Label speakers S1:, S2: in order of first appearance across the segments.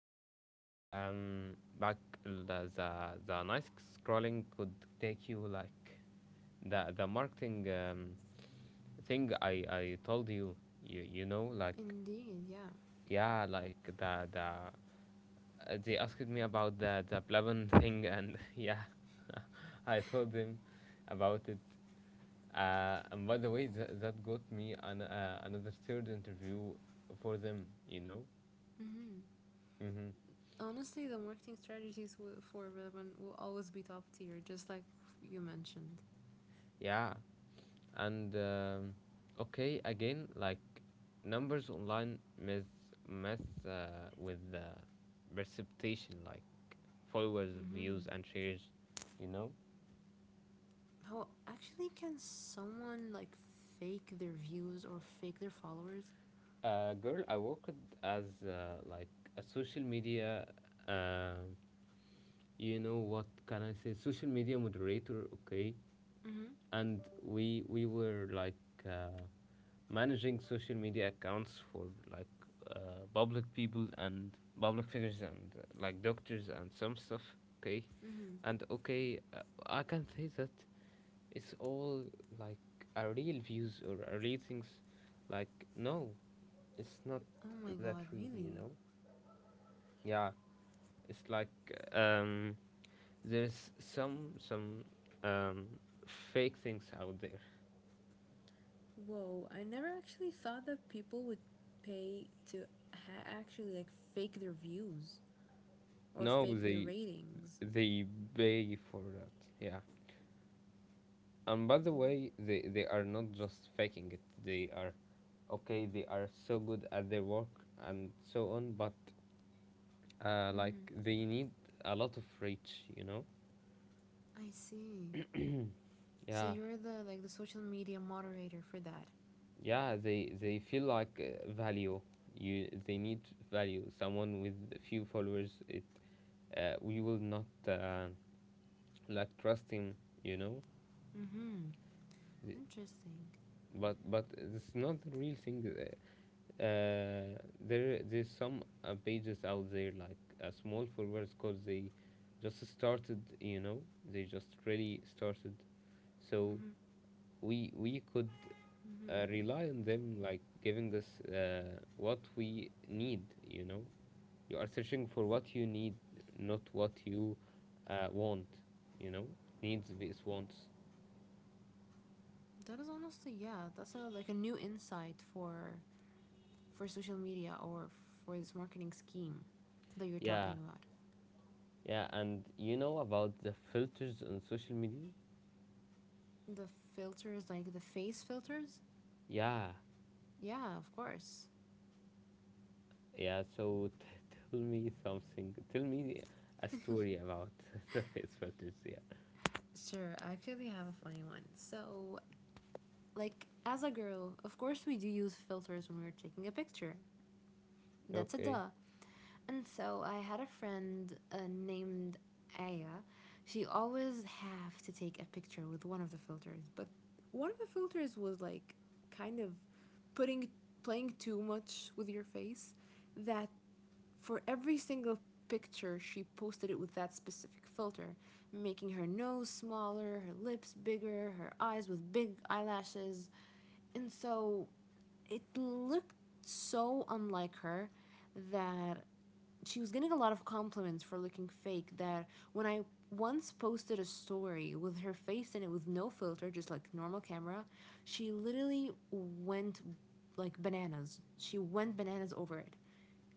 S1: okay. Back the nice scrolling could take you like the marketing thing I told you. You know like
S2: Indeed, yeah.
S1: yeah, like the they asked me about the Plavan thing, and yeah. I told them about it, and by the way, that got me another third interview for them, you know?
S2: Hmm.
S1: Mm-hmm.
S2: Honestly, the marketing strategies for Relevant will always be top tier, just like you mentioned.
S1: Yeah, and okay, again, like, numbers online mess with the precipitation, like followers,
S2: Hmm.
S1: views, and shares. You know,
S2: How actually can someone like fake their views or fake their followers?
S1: a girl I worked as like a social media, um you know what can I say, social media moderator, okay.
S2: Hmm.
S1: And we were like, uh, managing social media accounts for, like, public people and public figures, and like doctors and some stuff, okay.
S2: Hmm.
S1: And okay, I can say that it's all, like, a real views or a real things, like, no, it's not
S2: Oh my
S1: that,
S2: god,
S1: really, you
S2: really?
S1: know. Yeah, it's like, um there's some um, fake things out there.
S2: Whoa, I never actually thought that people would pay to actually like fake their views or
S1: No,
S2: fake their
S1: they
S2: ratings.
S1: they pay for that. Yeah. And by the
S2: What?
S1: way, they are not just faking it. They are, okay, they are so good at their work and so on. But like, they need a lot of reach. You know.
S2: I see. So
S1: Yeah.
S2: you're the, like, the social media moderator for that.
S1: Yeah. They feel like, value. You, they need value. Someone with few followers. It, we will not, like, trust him, you know.
S2: Mm-hmm.
S1: The-
S2: Interesting.
S1: but it's not the real thing. Uh, There's some pages out there, like, small forwards, cause they just started, you know, they just really started. So we could, rely on them, like giving us what we need, you know. You are searching for what you need, not what you want, you know. Needs vs wants.
S2: That is honestly, yeah, that's a, like, a new insight for social media or for this marketing scheme that you're
S1: Yeah.
S2: talking about.
S1: Yeah, and you know about the filters on social media?
S2: The filters like the face filters?
S1: Yeah,
S2: Yeah, of course.
S1: yeah. So tell me something. Tell me a story about the face filters. Yeah.
S2: Sure, I actually have a funny one. So, like as a girl, of course we do use filters when we're taking a picture. That's a
S1: Okay.
S2: duh. And so I had a friend named Aya. She always have to take a picture with one of the filters, but one of the filters was like kind of putting playing too much with your face that for every single picture she posted it with that specific filter, making her nose smaller, her lips bigger, her eyes with big eyelashes. And so it looked so unlike her that she was getting a lot of compliments for looking fake that when I once posted a story with her face in it with no filter, just like normal camera, she literally went like bananas. She went bananas over it.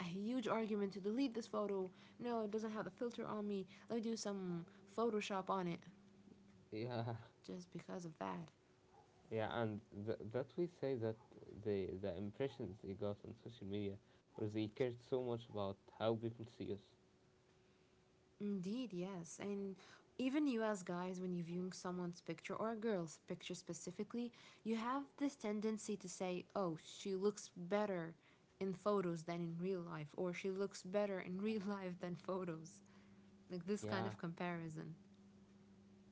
S2: A huge argument to delete this photo. No, it doesn't have the filter on me. Let me do some Photoshop on it.
S1: Yeah.
S2: Just because of that.
S1: Yeah, and that we say that the impressions they got on social media, or they cared so much about how people see us.
S2: Indeed, yes. And even you, as guys, when you're viewing someone's picture or a girl's picture specifically, you have this tendency to say, oh, she looks better in photos than in real life, or she looks better in real life than photos. Like this kind
S1: Yeah,
S2: of comparison.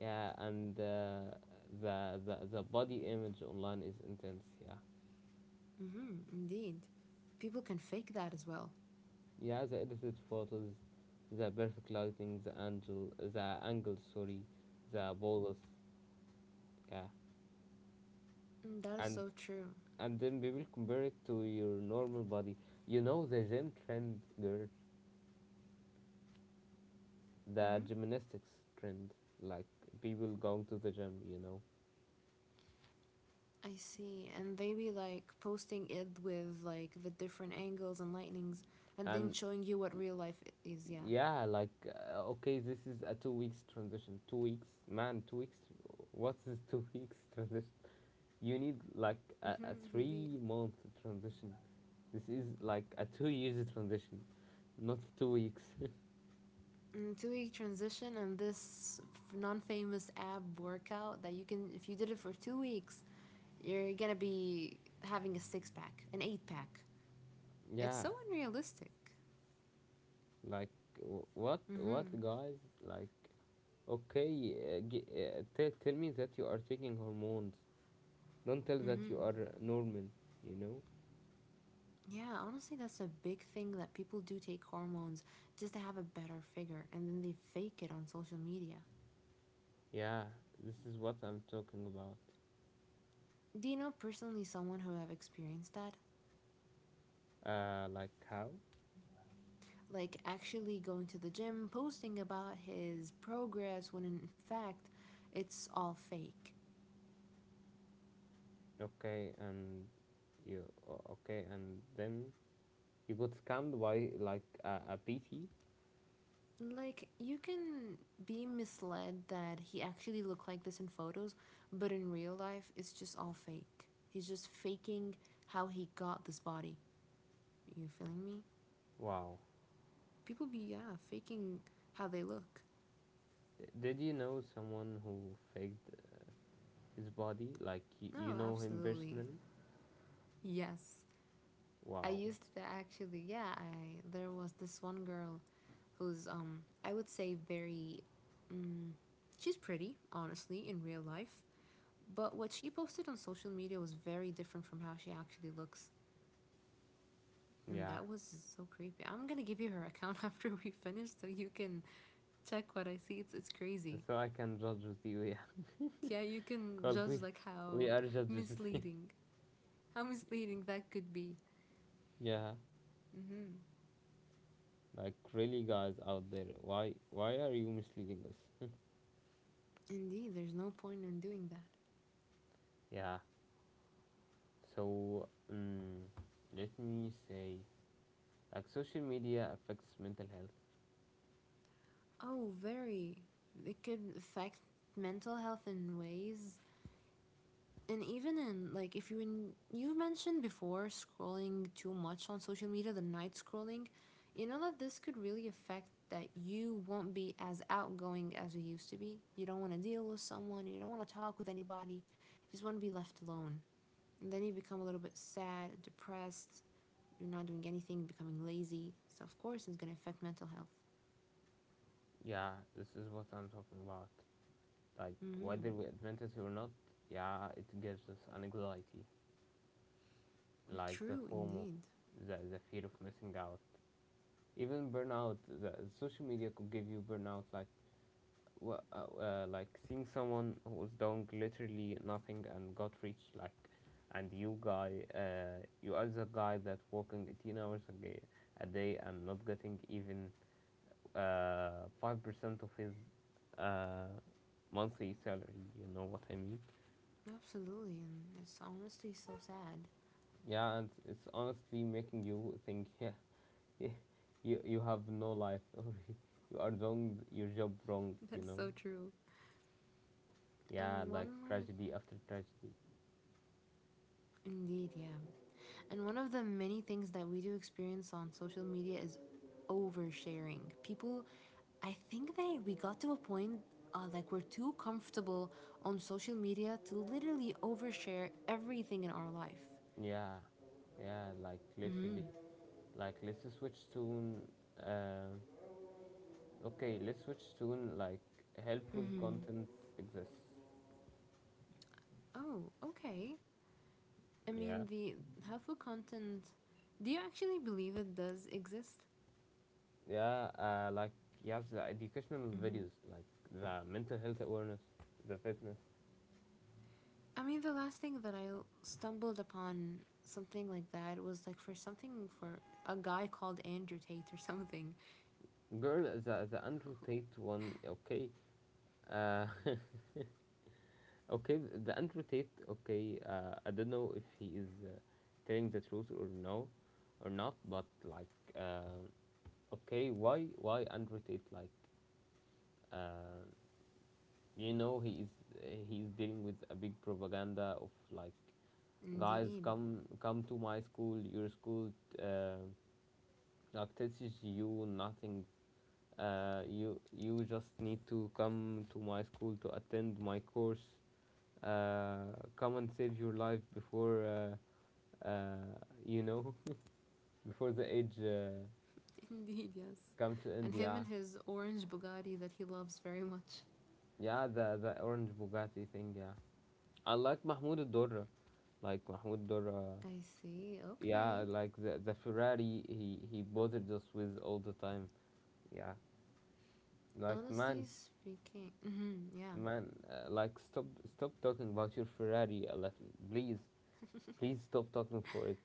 S1: yeah, and the body image online is intense. Yeah.
S2: Mm, indeed. People can fake that as well.
S1: Yeah, the edited photos, the perfect lighting, the angle, sorry, the bolus, yeah,
S2: Mm, that is
S1: and
S2: so true.
S1: then we will compare it to your normal body. You know the gym trend, girl, the gymnastics trend, like people going to the gym, you know,
S2: I see. And they be like posting it with like the different angles and lightnings and then
S1: and
S2: showing you what real life is. Yeah.
S1: yeah, like, okay, this is a 2 weeks transition, 2 weeks, man, 2 weeks. What's this 2 weeks transition? You need like a
S2: Hmm, indeed.
S1: 3 month transition. This is like a 2 years transition, not 2 weeks.
S2: 2-week transition and this non famous ab workout that you can, if you did it for 2 weeks, you're gonna be having a six pack, an eight pack. It's
S1: Yeah,
S2: so unrealistic.
S1: like, what
S2: Mm-hmm.
S1: guys like? Okay, tell me that you are taking hormones. Don't tell that you are normal. You know?
S2: Yeah, honestly, that's a big thing that people do take hormones just to have a better figure and then they fake it on social media.
S1: Yeah, this is what I'm talking about.
S2: Do you know personally someone who have experienced that?
S1: Like, how?
S2: Like actually going to the gym, posting about his progress when in fact it's all fake.
S1: Okay, and okay, and then you got scammed by like a PT.
S2: Like you can be misled that he actually looked like this in photos, but in real life it's just all fake. He's just faking how he got this body. Are you feeling me?
S1: Wow.
S2: People be, yeah, faking how they look.
S1: Did you know someone who faked his body? Like, you
S2: No,
S1: know him
S2: absolutely.
S1: personally?
S2: Yes. I
S1: Wow.
S2: used to actually, yeah, I there was this one girl who's, I would say, very, mm, she's pretty, honestly, in real life. But what she posted on social media was very different from how she actually looks. And
S1: Yeah.
S2: that was so creepy. I'm gonna give you her account after we finish so you can check what I see. It's crazy.
S1: So I can judge with you, yeah.
S2: Yeah, you can
S1: Cause
S2: judge
S1: we
S2: like
S1: we are judges.
S2: misleading, how misleading that could be.
S1: Yeah.
S2: Mm-hmm.
S1: Like, really, guys out there. Why are you misleading us?
S2: Indeed, there's no point in doing that.
S1: Yeah. So, let me say, like, social media affects mental health.
S2: Oh, very. It could affect mental health in ways, and even in like if you in, you mentioned before scrolling too much on social media, the night scrolling, you know that this could really affect that you won't be as outgoing as you used to be. You don't want to deal with someone, you don't want to talk with anybody, you just want to be left alone. And then you become a little bit sad, depressed, you're not doing anything, becoming lazy. So of course it's going to affect mental health.
S1: Yeah, this is what I'm talking about. Like,
S2: Mm-hmm.
S1: whether we admit it or not, yeah, it gives us anxiety. Like the
S2: True,
S1: FOMO,
S2: indeed.
S1: the fear of missing out, even burnout. The social media could give you burnout, like, like seeing someone who was doing literally nothing and got rich, like, and you guy, you as a guy that working 18 hours a day, a day, and not getting even 5% of his uh, monthly salary. You know what I mean?
S2: Absolutely, and it's honestly so sad.
S1: Yeah, and it's honestly making you think, yeah. Yeah, you have no life, or you are doing your job wrong, you
S2: That's
S1: know.
S2: so true.
S1: Yeah,
S2: And one
S1: like
S2: more.
S1: tragedy after tragedy.
S2: Indeed, yeah. And one of the many things that we do experience on social media is oversharing. People, I think they we got to a point, like, we're too comfortable on social media to literally overshare everything in our life.
S1: Yeah, yeah, like literally. Like, let's switch to, an, um okay, let's switch to, an, like, helpful content exists.
S2: Oh, okay. I
S1: Yeah,
S2: mean, the helpful content. Do you actually believe it does exist?
S1: yeah, like, you, the educational videos, like, the mental health awareness, the fitness.
S2: I mean, the last thing that I stumbled upon something like that was like for something for a guy called Andrew Tate or something.
S1: Girl, the Andrew Tate one, okay, uh, okay, the Andrew Tate. Okay, I don't know if he is telling the truth or no, or not. But, like, uh, okay, why Andrew Tate? Like, uh, you know, he is dealing with a big propaganda of, like, guys,
S2: Indeed.
S1: come to my school, your school, uh, like teaches you nothing. You just need to come to my school to attend my course, come and save your life before, uh, you know, before the age,
S2: Indeed, yes.
S1: come to
S2: And
S1: end.
S2: him
S1: Yeah.
S2: and his orange Bugatti that he loves very much.
S1: Yeah, the orange Bugatti thing. Yeah, I like Mahmoud Dorra, like Mahmoud Dorra.
S2: I see,
S1: Yeah,
S2: okay.
S1: like the Ferrari he bothered us with all the time. Yeah, like,
S2: Honestly
S1: man,
S2: speaking, mhm, yeah.
S1: like, stop talking about your Ferrari Alef. Please, stop talking for it.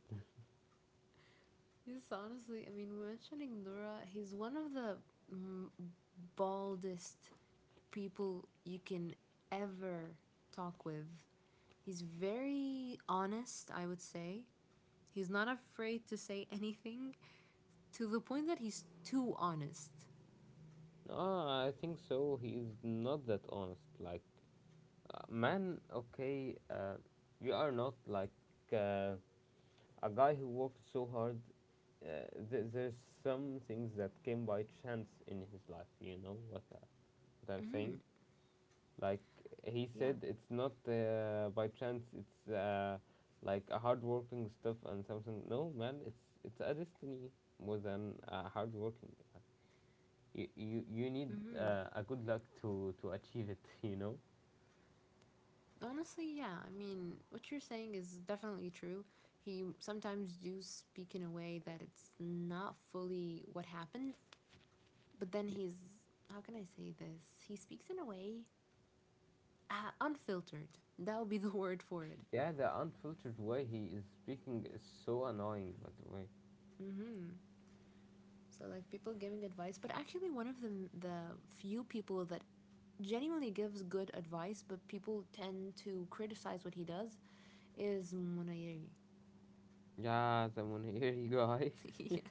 S2: Yes, honestly, I mean, mentioning Nora, he's one of the, mm, baldest people you can ever talk with. He's very honest, I would say. He's not afraid to say anything to the point that he's too honest.
S1: No, I think so he is not that honest, like. Man, okay, you are not like uh, a guy who worked so hard. There's some things that came by chance in his life. You know what, what I'm saying? Like, he
S2: Yeah.
S1: said, it's not by chance. It's like a hardworking stuff and something. No, man, it's a destiny more than hardworking. You need a good luck to achieve it. You know.
S2: Honestly, yeah. I mean, what you're saying is definitely true. He sometimes do speak in a way that it's not fully what happened, but then
S1: Y-
S2: he's how can I say this? He speaks in a way, unfiltered. That would be the word for it.
S1: Yeah, the unfiltered way he is speaking is so annoying, by the way.
S2: So like people giving advice, but actually one of the few people that genuinely gives good advice, but people tend to criticize what he does, is Munayiri.
S1: Yeah, the Muniri guy.
S2: Yeah.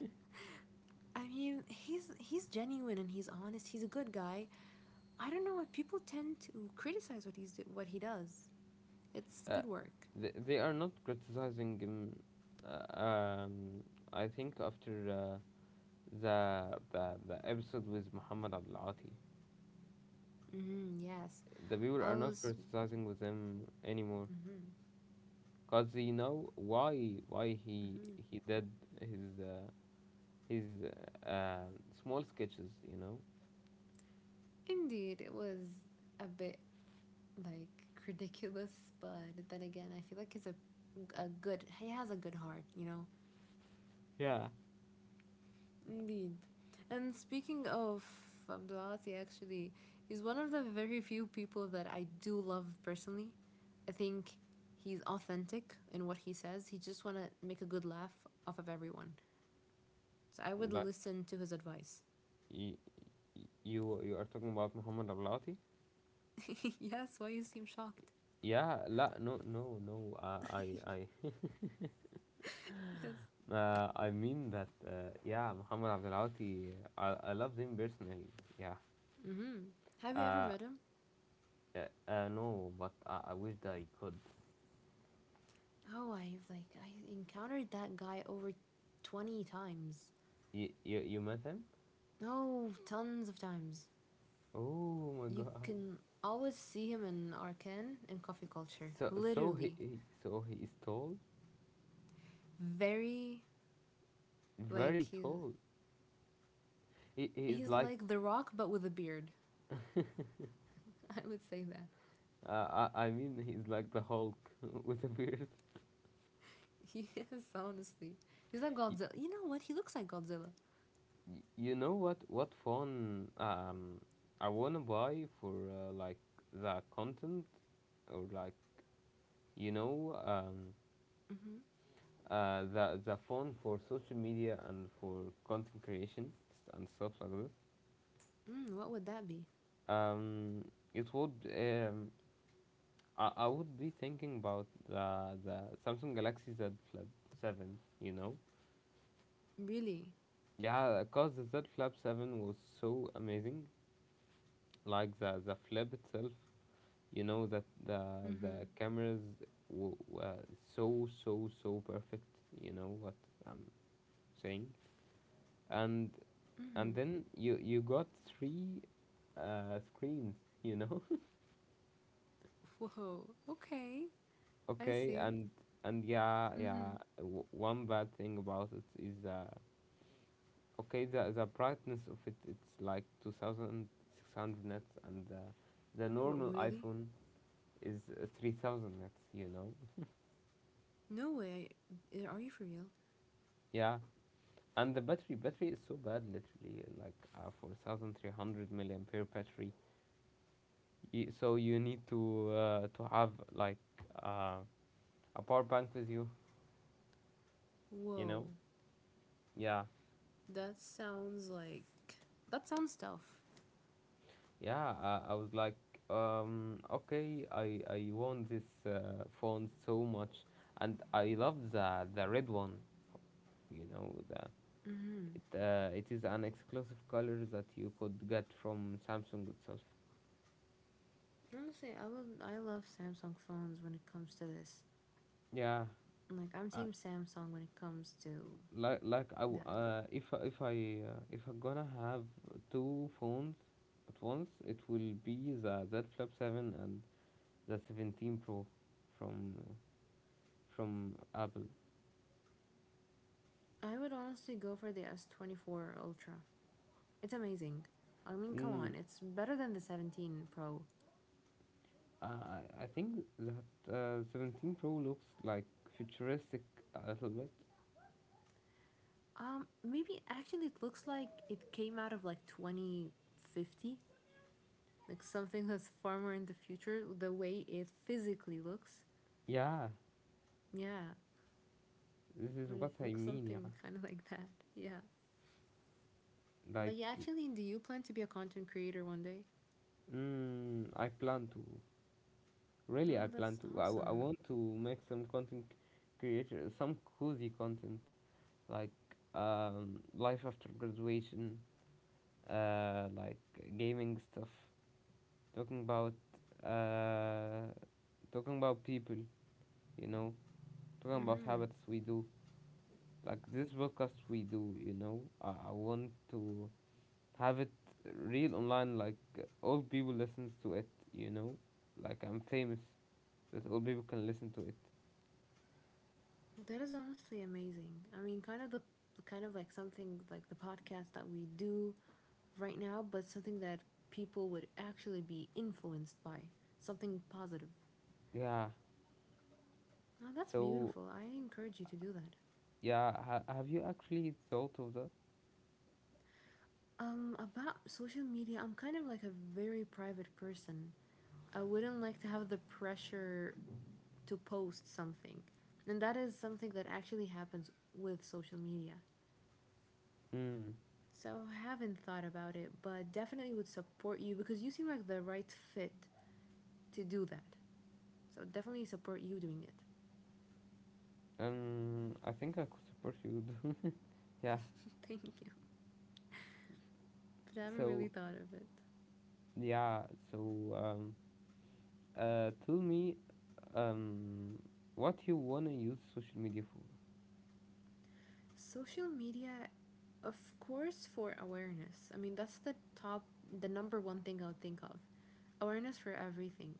S2: I mean, he's genuine and he's honest. He's a good guy. I don't know why people tend to criticize what he does. It's
S1: Uh,
S2: good work.
S1: they are not criticizing him. Uh, um, I think after the episode with Muhammad Abdulati,
S2: Mm, yes,
S1: the people
S2: I
S1: are not
S2: was.
S1: criticizing with him anymore, cause they know why he
S2: Mm-hmm.
S1: he did his, his uh, small sketches, you know.
S2: Indeed, it was a bit like ridiculous, but then again, I feel like he's a good. He has a good heart. You know.
S1: Yeah.
S2: Indeed. And speaking of Abdulati, actually, he's one of the very few people that I do love personally. I think he's authentic in what he says. He just want to make a good laugh off of everyone. So I would
S1: Like,
S2: listen to his advice.
S1: you you are talking about Muhammad Abdelati?
S2: Yes, why you seem shocked?
S1: Yeah, la, no, no, no.
S2: Yes.
S1: I mean that. Yeah, Muhammad Abdelati. I love him personally. Yeah.
S2: Mm-hmm. Have you ever
S1: Uh,
S2: met him?
S1: no, but I wish that I could.
S2: Oh, I've like I encountered that guy over 20 times.
S1: You met him?
S2: Oh, tons of times.
S1: Oh my
S2: You
S1: God.
S2: can always see him in Arcan in coffee culture.
S1: So, he,
S2: Literally.
S1: he so he is tall,
S2: Very, like,
S1: very
S2: he's
S1: tall. He is
S2: he's
S1: like,
S2: like the rock but with a beard. I would say that.
S1: I mean, he's like the Hulk with a beard.
S2: He is honestly. He's like
S1: You,
S2: Godzilla. You know what? He looks like Godzilla.
S1: you know what phone, I wanna buy for, like, the content, or, like, you know um
S2: Mm-hmm.
S1: the phone for social media and for content creation, and stuff like this.
S2: Mm, what would that be?
S1: um it would, I would be thinking about the Samsung Galaxy Z Flip 7, you know.
S2: Really?
S1: Yeah, cause the Z Flip 7 was so amazing, like the flip itself, you know, that the
S2: Mm-hmm.
S1: the cameras were so, so perfect, you know what I'm saying. And
S2: Mm-hmm.
S1: then you got three screens, you know.
S2: Whoa. Okay. I
S1: Okay.
S2: see.
S1: And yeah, yeah,
S2: Mm-hmm.
S1: one bad thing about it is, okay, the brightness of it, it's like 2,600 nits, and the
S2: What
S1: normal
S2: really?
S1: iPhone is, 3,000 nits, you know.
S2: No way. Are you for real?
S1: Yeah. And the battery is so bad, literally, like, for 1,300 milliampere battery. You, so you need to, have like, uh, a power bank with you, you know?
S2: Whoa.
S1: Yeah,
S2: That sounds like that sounds tough.
S1: yeah. I was like, okay, I want this phone so much, and I love the red one, you know. The,
S2: Mm-hmm.
S1: it, it is an exclusive color that you could get from Samsung itself.
S2: Honestly, I would. I love Samsung phones when it comes to this.
S1: Yeah,
S2: Like I'm
S1: uh,
S2: team Samsung when it comes to
S1: like, I w-
S2: that.
S1: if I- if I if I'm gonna have two phones at once, it will be the Z Flip Seven and the 17 Pro from from Apple.
S2: I would honestly go for the S24 Ultra. It's amazing. I mean, come
S1: Mm,
S2: on, it's better than the 17 Pro.
S1: I think that 17 Pro looks like futuristic a little bit.
S2: Maybe actually it looks like it came out of like 2050, like something that's far more in the future. The way it physically looks,
S1: Yeah,
S2: yeah,
S1: this
S2: I
S1: is
S2: mean,
S1: what
S2: it
S1: I
S2: looks
S1: mean. Yeah,
S2: something kind of like that, yeah.
S1: like,
S2: But yeah, actually, do you plan to be a content creator one day?
S1: mm, I plan to, really, I
S2: Oh,
S1: plan
S2: that's
S1: to, I
S2: awesome.
S1: want to make some content creator, some cozy content, like, life after graduation, like gaming stuff, talking about, uh, people, you know, talking about habits we do. Like this podcast we do, you know, I want to have it real online, like all people listens to it, you know, like I'm famous that all people can listen to it.
S2: That is honestly amazing. I mean, kind of like something like the podcast that we do right now, but something that people would actually be influenced by, something positive.
S1: Yeah.
S2: Oh, that's
S1: So
S2: beautiful. I encourage you to do that.
S1: yeah, have you actually thought of that?
S2: About social media, I'm kind of like a very private person. I wouldn't like to have the pressure to post something. And that is something that actually happens with social media.
S1: Hmm.
S2: So I haven't thought about it, but definitely would support you because you seem like the right fit to do that. So definitely support you doing it.
S1: I think I could support you. Yeah.
S2: Thank you. But I haven't really
S1: So
S2: thought of it.
S1: yeah. So, tell me, um, what you wanna use social media for?
S2: Social media, of course, for awareness. I mean, that's the top, the number one thing I would think of. Awareness for everything.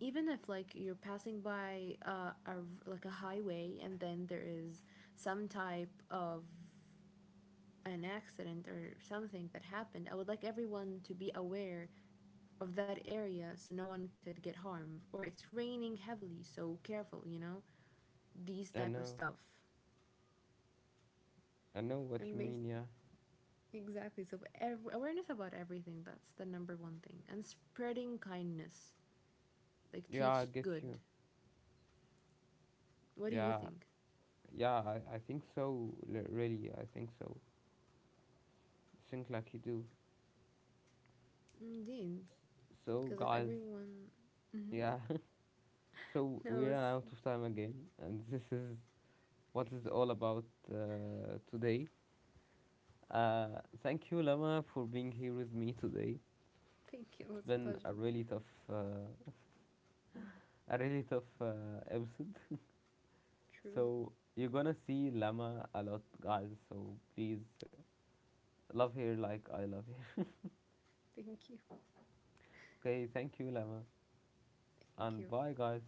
S2: Even if like you're passing by a, like, a highway and then there is some type of an accident or something that happened, I would like everyone to be aware of that area so no one could get harmed. Or it's raining heavily, so careful, you know? These
S1: I
S2: type of
S1: know.
S2: stuff.
S1: I know what
S2: And
S1: you mean. Yeah.
S2: exactly, so awareness about everything, that's the number one thing. And spreading kindness, like
S1: Yeah, I
S2: teach
S1: get
S2: good.
S1: you.
S2: What do you
S1: Yeah.
S2: think?
S1: Yeah. I think so. Really, I think so. Think like you do.
S2: Indeed,
S1: So
S2: because if
S1: guys,
S2: everyone, mm-hmm,
S1: yeah. So we
S2: knows.
S1: ran out of time again, and this is what is all about, today. Thank you, Lama, for being here with me today.
S2: Thank you, it
S1: It's
S2: was a
S1: been a
S2: pleasure.
S1: really tough, episode.
S2: True,
S1: So you're gonna see Lama a lot, guys. So please love her like I love her.
S2: thank you,
S1: Okay, thank you, Lama,
S2: thank
S1: and
S2: you.
S1: bye, guys.